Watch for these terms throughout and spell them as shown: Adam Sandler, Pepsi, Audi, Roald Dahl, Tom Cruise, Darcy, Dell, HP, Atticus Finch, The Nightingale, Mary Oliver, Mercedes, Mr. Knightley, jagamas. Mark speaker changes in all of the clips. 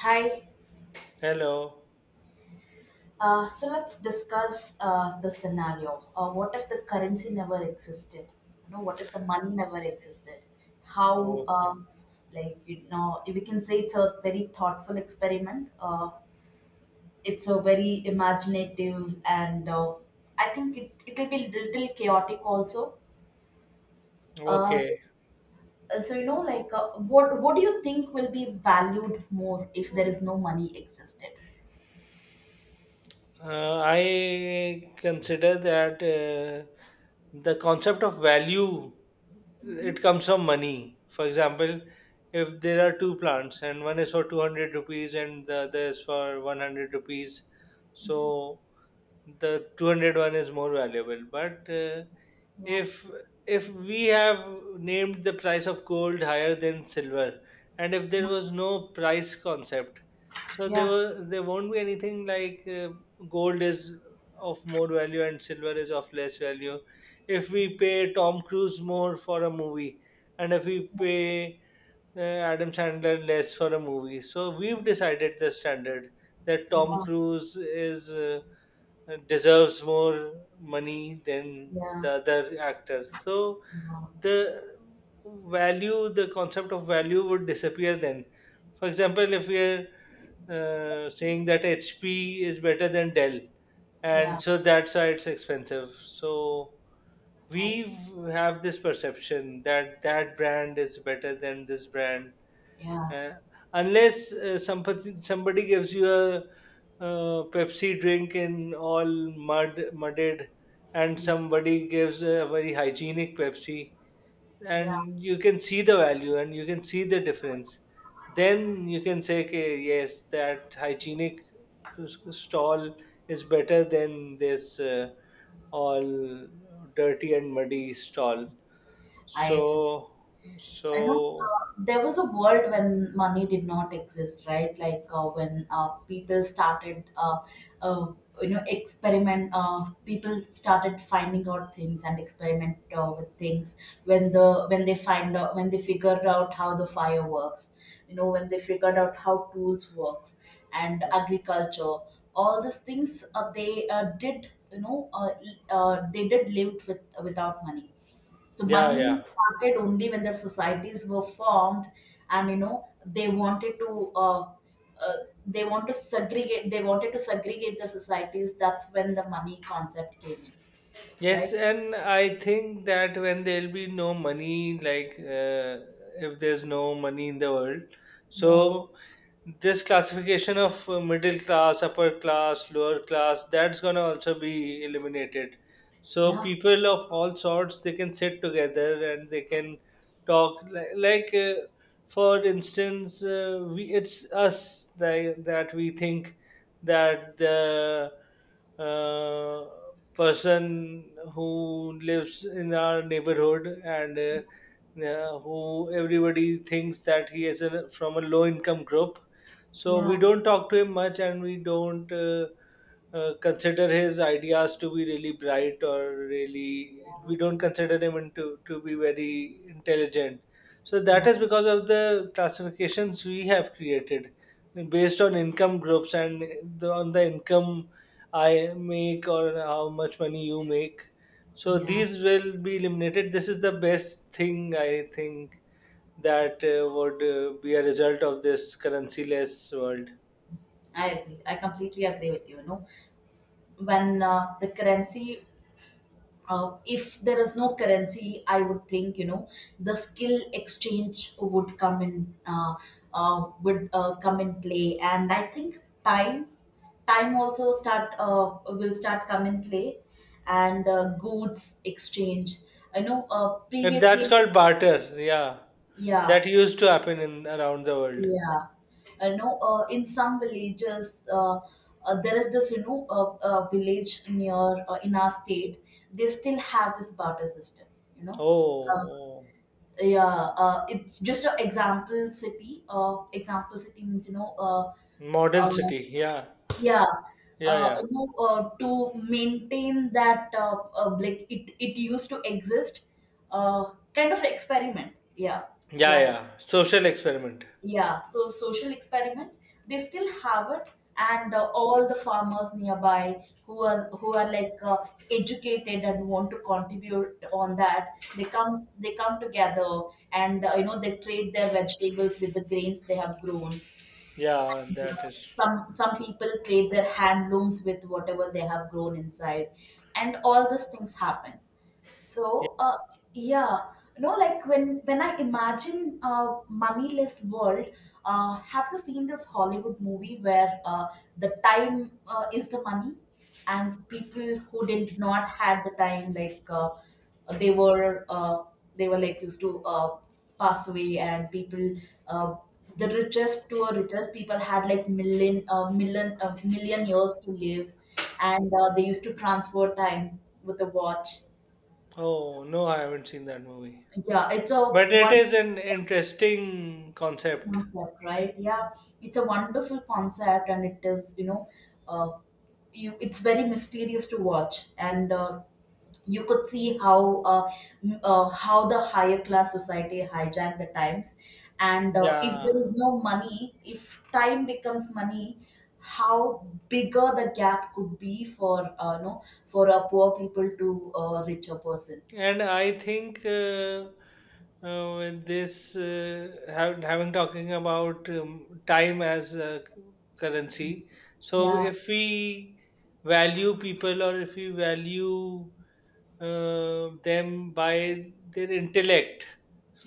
Speaker 1: Hi.
Speaker 2: Hello.
Speaker 1: So let's discuss the scenario. What if the currency never existed? What if the money never existed? How,
Speaker 2: Okay.
Speaker 1: Um, like, we can say it's a very thoughtful experiment. It's a very imaginative, and I think it'll be little chaotic also. Uh,
Speaker 2: Okay.
Speaker 1: s- so, like, what do you think will be valued more if there is no money existed?
Speaker 2: I consider that the concept of value it
Speaker 1: Hmm.
Speaker 2: comes from money. For example, if there are two plants and one is for 200 rupees and the other is for 100 rupees,
Speaker 1: Hmm.
Speaker 2: so the two hundred one is more valuable. But
Speaker 1: Yeah.
Speaker 2: if if we have named the price of gold higher than silver, and if there was no price concept, so there
Speaker 1: Yeah.
Speaker 2: were there won't be anything like. Gold is of more value and silver is of less value. If we pay Tom Cruise more for a movie, and if we pay Adam Sandler less for a movie, so we've decided the standard that
Speaker 1: Yeah,
Speaker 2: Tom Cruise is deserves more money than
Speaker 1: yeah,
Speaker 2: the other actor. So
Speaker 1: yeah,
Speaker 2: the value, the concept of value would disappear then. For example, if we are saying that HP is better than Dell, and
Speaker 1: yeah.
Speaker 2: so that's why it's expensive. So
Speaker 1: I,
Speaker 2: we have this perception that that brand is better than this brand,
Speaker 1: yeah,
Speaker 2: uh, unless somebody gives you a Pepsi drink in all mudded, and
Speaker 1: yeah,
Speaker 2: somebody gives a very hygienic Pepsi
Speaker 1: yeah.
Speaker 2: and you can see the value and you can see the difference, then you can say, okay, yes, that hygienic stall is better than this all dirty and muddy stall.
Speaker 1: I agree.
Speaker 2: so
Speaker 1: I know
Speaker 2: so
Speaker 1: there was a world when money did not exist, right? Like when people started, uh, experiment. People started finding out things and experiment with things. When they figured out how the fire works, when they figured out how tools works and agriculture, all these things they did, they did lived without money. So
Speaker 2: yeah,
Speaker 1: money
Speaker 2: yeah.
Speaker 1: started only when the societies were formed, and they wanted to uh, they wanted to segregate the societies. That's when the money concept came in,
Speaker 2: Yes,
Speaker 1: right?
Speaker 2: and I think that when there'll be no money, if there's no money in the world,
Speaker 1: Yeah,
Speaker 2: so this classification of middle class, upper class, lower class, that's gonna also be eliminated. So
Speaker 1: yeah,
Speaker 2: people of all sorts, they can sit together and they can talk. For instance, we, it's us that, that we think that the uh, person who lives in our neighborhood and who everybody thinks that he is a, from a low income group. So we
Speaker 1: yeah,
Speaker 2: don't talk to him much and we don't consider his ideas to be really bright or really, we don't consider him into, to be very intelligent. So
Speaker 1: yeah,
Speaker 2: that is because of the classifications we have created
Speaker 1: yeah.
Speaker 2: based on income groups and the, on the income I make or how much money you make. So
Speaker 1: Yeah.
Speaker 2: these will be eliminated. This is the best thing I think that would be a result of this currency-less world.
Speaker 1: I agree. I completely agree with you. You know, when the currency if there is no currency, I would think the skill exchange would come in, would come in play, and I think time also start will start come in play, and goods exchange. I know
Speaker 2: And that's
Speaker 1: previously,
Speaker 2: called barter. Yeah,
Speaker 1: yeah,
Speaker 2: that used to happen in around the world.
Speaker 1: yeah. I know in some villages, there is this, village near, in our state, they still have this barter system. You know Uh,
Speaker 2: Oh, oh.
Speaker 1: yeah. It's just an example city, example city means,
Speaker 2: Model
Speaker 1: uh,
Speaker 2: city. Yeah,
Speaker 1: yeah,
Speaker 2: yeah, yeah,
Speaker 1: to maintain that, like, it used to exist, kind of experiment,
Speaker 2: yeah,
Speaker 1: like
Speaker 2: yeah. Social experiment.
Speaker 1: yeah, so social experiment, they still have it, and all the farmers nearby who are like educated and want to contribute on that, they come together, and they trade their vegetables with the grains they have grown.
Speaker 2: Yeah,
Speaker 1: And,
Speaker 2: that is.
Speaker 1: some people trade their handlooms with whatever they have grown inside, and all these things happen.
Speaker 2: Yeah.
Speaker 1: So, yeah, like when I imagine a moneyless world, have you seen this Hollywood movie where the time is the money, and people who did not had the time, like they were uh, they were like used to pass away, and people. Uh, the richest to a richest people had like million years to live, and they used to transfer time with a watch.
Speaker 2: Oh no, I haven't seen that movie.
Speaker 1: Yeah, it's a
Speaker 2: But it
Speaker 1: one
Speaker 2: is an interesting concept.
Speaker 1: concept, right? Yeah, it's a wonderful concept, and it is, you know, uh, you it's very mysterious to watch. And you could see how, how the higher class society hijack the times, and if
Speaker 2: Yeah,
Speaker 1: there is no money, if time becomes money, how bigger the gap could be for, no, for a poor people to a richer person.
Speaker 2: and I think with this having talking about time as a currency. So
Speaker 1: Yeah,
Speaker 2: if we value people or if we value them by their intellect,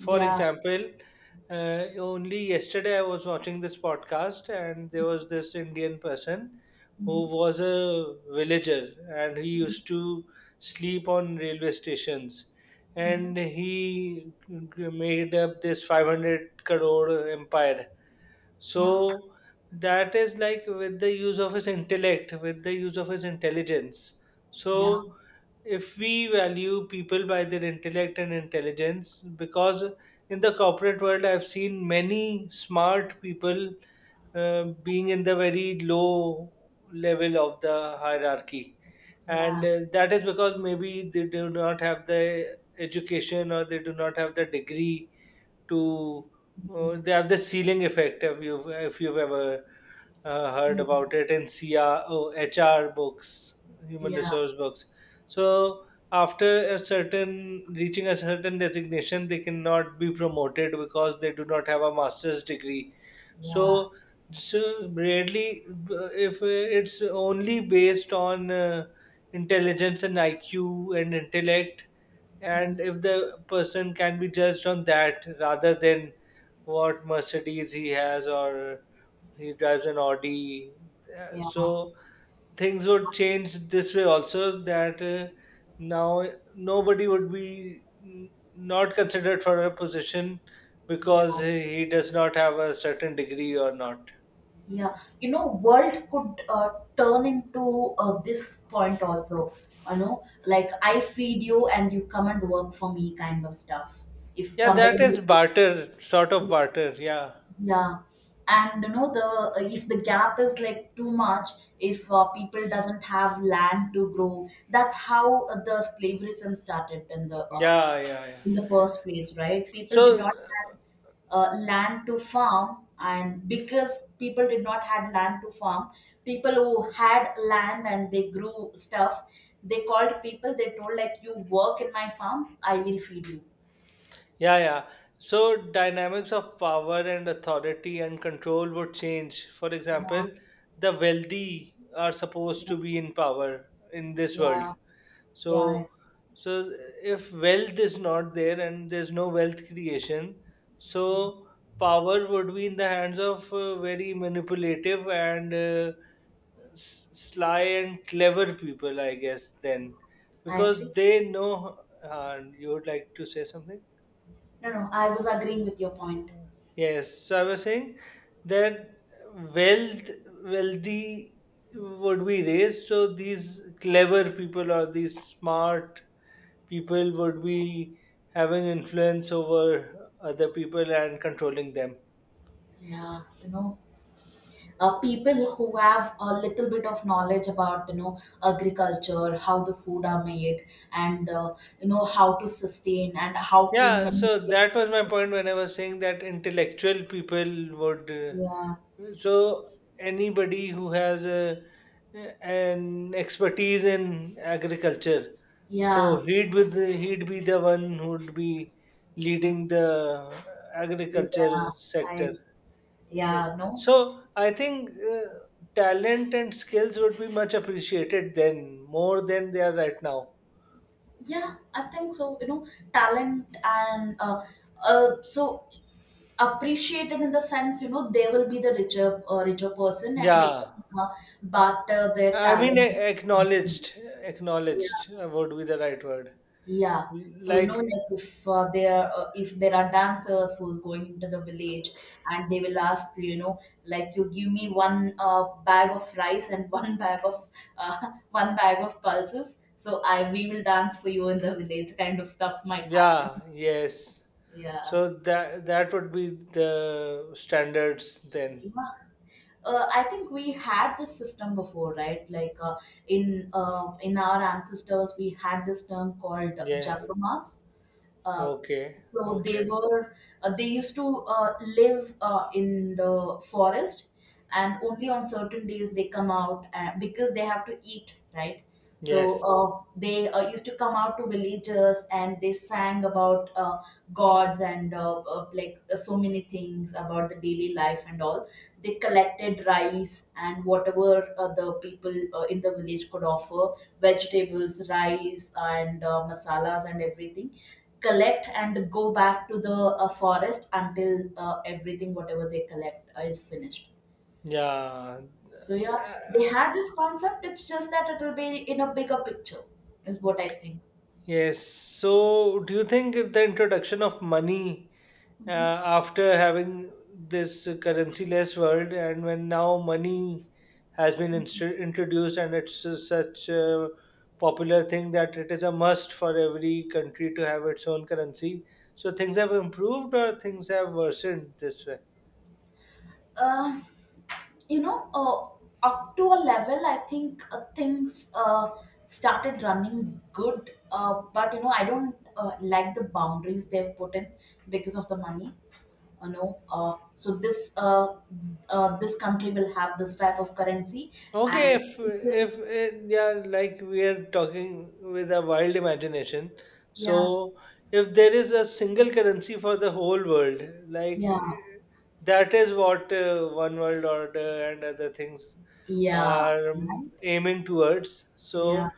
Speaker 2: for Mhm.
Speaker 1: yeah.
Speaker 2: example, only yesterday I was watching this podcast and there was this Indian person who
Speaker 1: Hmm.
Speaker 2: was a villager and he used to sleep on railway stations. And
Speaker 1: Hmm.
Speaker 2: he made up this 500 crore empire.
Speaker 1: Yeah.
Speaker 2: So that is like with the use of his intellect, with the use of his intelligence.
Speaker 1: Yeah.
Speaker 2: So if we value people by their intellect and intelligence, because in the corporate world, I've seen many smart people being in the very low level of the hierarchy
Speaker 1: Yeah.
Speaker 2: and that is because maybe they do not have the education or they do not have the degree to
Speaker 1: Mhm.
Speaker 2: they have the ceiling effect if you've ever heard
Speaker 1: Mhm.
Speaker 2: about it in HR books, human
Speaker 1: Yeah.
Speaker 2: resource books. So after a certain reaching a certain designation, they cannot be promoted because they do not have a master's degree.
Speaker 1: Yeah.
Speaker 2: So so really, if it's only based on intelligence and IQ and intellect, and if the person can be judged on that rather than what Mercedes he has or he drives an Audi. Uh,
Speaker 1: Yeah.
Speaker 2: So things would change this way also that now nobody would be not considered for a position
Speaker 1: Yeah.
Speaker 2: because he does not have a certain degree or not.
Speaker 1: Yeah. World could turn into, this point also. Like I feed you and you come and work for me, kind of stuff. If
Speaker 2: Yeah, that
Speaker 1: somebody,
Speaker 2: is barter, sort of barter. Yeah,
Speaker 1: yeah. And you know the if the gap is like too much, if people doesn't have land to grow, that's how the slavery system started in the,
Speaker 2: yeah, yeah, yeah.
Speaker 1: in the first place, right? People did
Speaker 2: So
Speaker 1: not have land to farm, and because people did not had land to farm, people who had land and they grew stuff, they called people. They told like, "You work in my farm, I will feed you."
Speaker 2: yeah, yeah. So dynamics of power and authority and control would change. For
Speaker 1: Yeah,
Speaker 2: example, the wealthy are supposed
Speaker 1: yeah,
Speaker 2: to be in power in this world.
Speaker 1: yeah. Yeah.
Speaker 2: So so if wealth is not there and there's no wealth creation, so power would be in the hands of very manipulative and sly and clever people, I guess, then
Speaker 1: I
Speaker 2: because
Speaker 1: agree.
Speaker 2: they know you would like to say something?
Speaker 1: No, no, I was agreeing with your point.
Speaker 2: Yes, so I was saying that wealth, wealthy would be raised. So these clever people or these smart people would be having influence over other people and controlling them.
Speaker 1: Yeah, you know, people who have a little bit of knowledge about, agriculture, how the food are made, and how to sustain and how to
Speaker 2: Yeah, so
Speaker 1: manipulate.
Speaker 2: that was my point when I was saying that intellectual people would. Uh,
Speaker 1: Yeah.
Speaker 2: so anybody who has a, an expertise in agriculture, so
Speaker 1: Yeah.
Speaker 2: he'd with he'd be the one who'd be leading the agriculture
Speaker 1: Yeah. I
Speaker 2: sector. Yes.
Speaker 1: Yeah, no,
Speaker 2: So I think talent and skills would be much appreciated then, more than they are right now.
Speaker 1: yeah. I think so. Talent and, so appreciated in the sense, they will be the richer, richer person, and they
Speaker 2: Yeah.
Speaker 1: can barter their
Speaker 2: I mean,
Speaker 1: talent.
Speaker 2: acknowledged,
Speaker 1: Yeah.
Speaker 2: acknowledged would be the right word.
Speaker 1: Yeah. So,
Speaker 2: Like,
Speaker 1: like if, there if there are dancers who's going into the village, and they will ask, like, you give me one bag of rice and one bag of one bag of pulses, so I we will dance for you in the village, kind of stuff might happen.
Speaker 2: yeah, yes.
Speaker 1: Yeah.
Speaker 2: So that that would be the standards then.
Speaker 1: Yeah. I think we had this system before, right? Like in our ancestors, we had this term called
Speaker 2: Yes.
Speaker 1: jagamas. Uh,
Speaker 2: Okay.
Speaker 1: So they
Speaker 2: Okay.
Speaker 1: were, they used to live in the forest, and only on certain days they come out, because they have to eat, right? So
Speaker 2: Yes.
Speaker 1: they used to come out to villages and they sang about gods, and like so many things about the daily life and all. They collected rice and whatever the people in the village could offer — vegetables, rice, and masalas — and everything, collect and go back to the forest until everything whatever they collect is finished.
Speaker 2: Yeah.
Speaker 1: So yeah, they had this concept. It's just that it will be in a bigger picture, is what I think.
Speaker 2: Yes. So, do you think the introduction of money uh,
Speaker 1: Mhm.
Speaker 2: after having this currency-less world, and when now money has been
Speaker 1: Mhm.
Speaker 2: introduced and it's such a popular thing that it is a must for every country to have its own currency, so things have improved or things have worsened this way?
Speaker 1: Uh, you know uh, up to a level, I think things uh, started running good. But I don't like the boundaries they've put in because of the money. So this, this country will have this type of currency,
Speaker 2: Okay,
Speaker 1: and this.
Speaker 2: if eh, yeah, like we are talking with a wild imagination.
Speaker 1: Yeah,
Speaker 2: So, if there is a single currency for the whole world, like
Speaker 1: yeah,
Speaker 2: eh, that is what One World Order and other things
Speaker 1: yeah,
Speaker 2: are
Speaker 1: right,
Speaker 2: aiming towards.
Speaker 1: yeah
Speaker 2: So,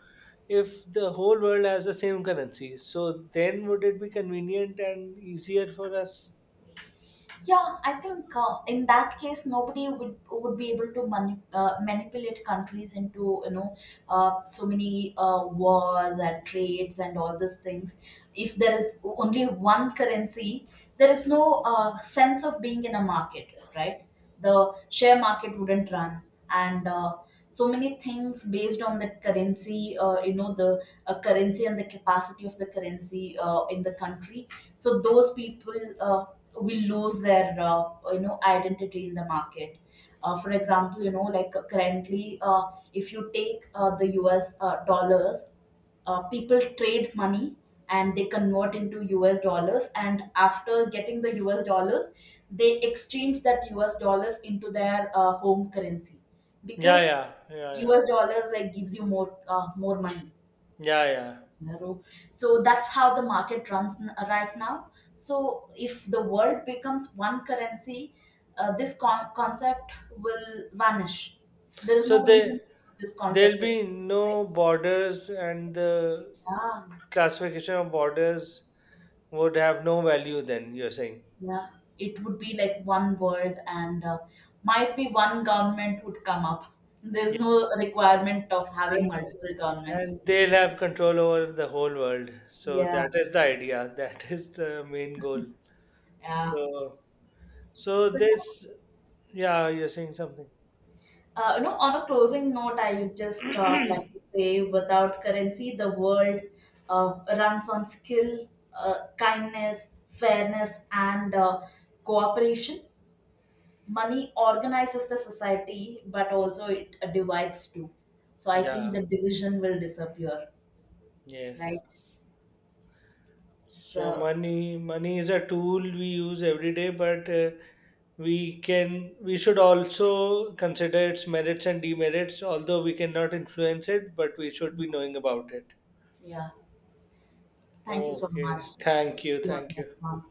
Speaker 2: if the whole world has the same currency, so then would it be convenient and easier for us?
Speaker 1: yeah. I think in that case nobody would be able to, manipulate countries into, so many wars and trades and all these things, if there is only one currency. There is no sense of being in a market, right? The share market wouldn't run, and so many things based on that currency, the currency and the capacity of the currency in the country. So those people uh, will lose their, identity in the market. For example, like currently, if you take the US dollars. People trade money and they convert into US dollars. And after getting the US dollars, they exchange that US dollars into their home currency,
Speaker 2: Yeah,
Speaker 1: because
Speaker 2: yeah, yeah, yeah,
Speaker 1: US dollars like gives you more, more money.
Speaker 2: yeah, yeah.
Speaker 1: You know. So that's how the market runs, right now. So if the world becomes one currency, this concept will vanish. There is
Speaker 2: So
Speaker 1: no reason
Speaker 2: they
Speaker 1: for this
Speaker 2: there'll
Speaker 1: concept to exist,
Speaker 2: be
Speaker 1: right?
Speaker 2: no borders, and the
Speaker 1: Yeah,
Speaker 2: classification of borders would have no value. Then you're saying,
Speaker 1: yeah. It would be like one world, and might be one government would come up.
Speaker 2: yeah,
Speaker 1: There's no requirement of having
Speaker 2: and,
Speaker 1: multiple governments.
Speaker 2: and they'll have control over the whole world. So
Speaker 1: Yeah,
Speaker 2: that is the idea. That is the main goal.
Speaker 1: yeah.
Speaker 2: So so
Speaker 1: So yeah.
Speaker 2: this, yeah, you're saying something.
Speaker 1: On a closing note, I would just like to say, without currency, the world runs on skill, kindness, fairness, and cooperation. Money organizes the society, but also it divides too. So I think the
Speaker 2: Yeah.
Speaker 1: division will disappear, right?
Speaker 2: Yes. So
Speaker 1: So
Speaker 2: money is a tool we use every day, but we should also consider its merits and demerits, although we cannot influence it, but we should be knowing about it.
Speaker 1: yeah, thank you so much.
Speaker 2: Okay.
Speaker 1: See
Speaker 2: Thank you.
Speaker 1: you on the
Speaker 2: Thank you.
Speaker 1: next one.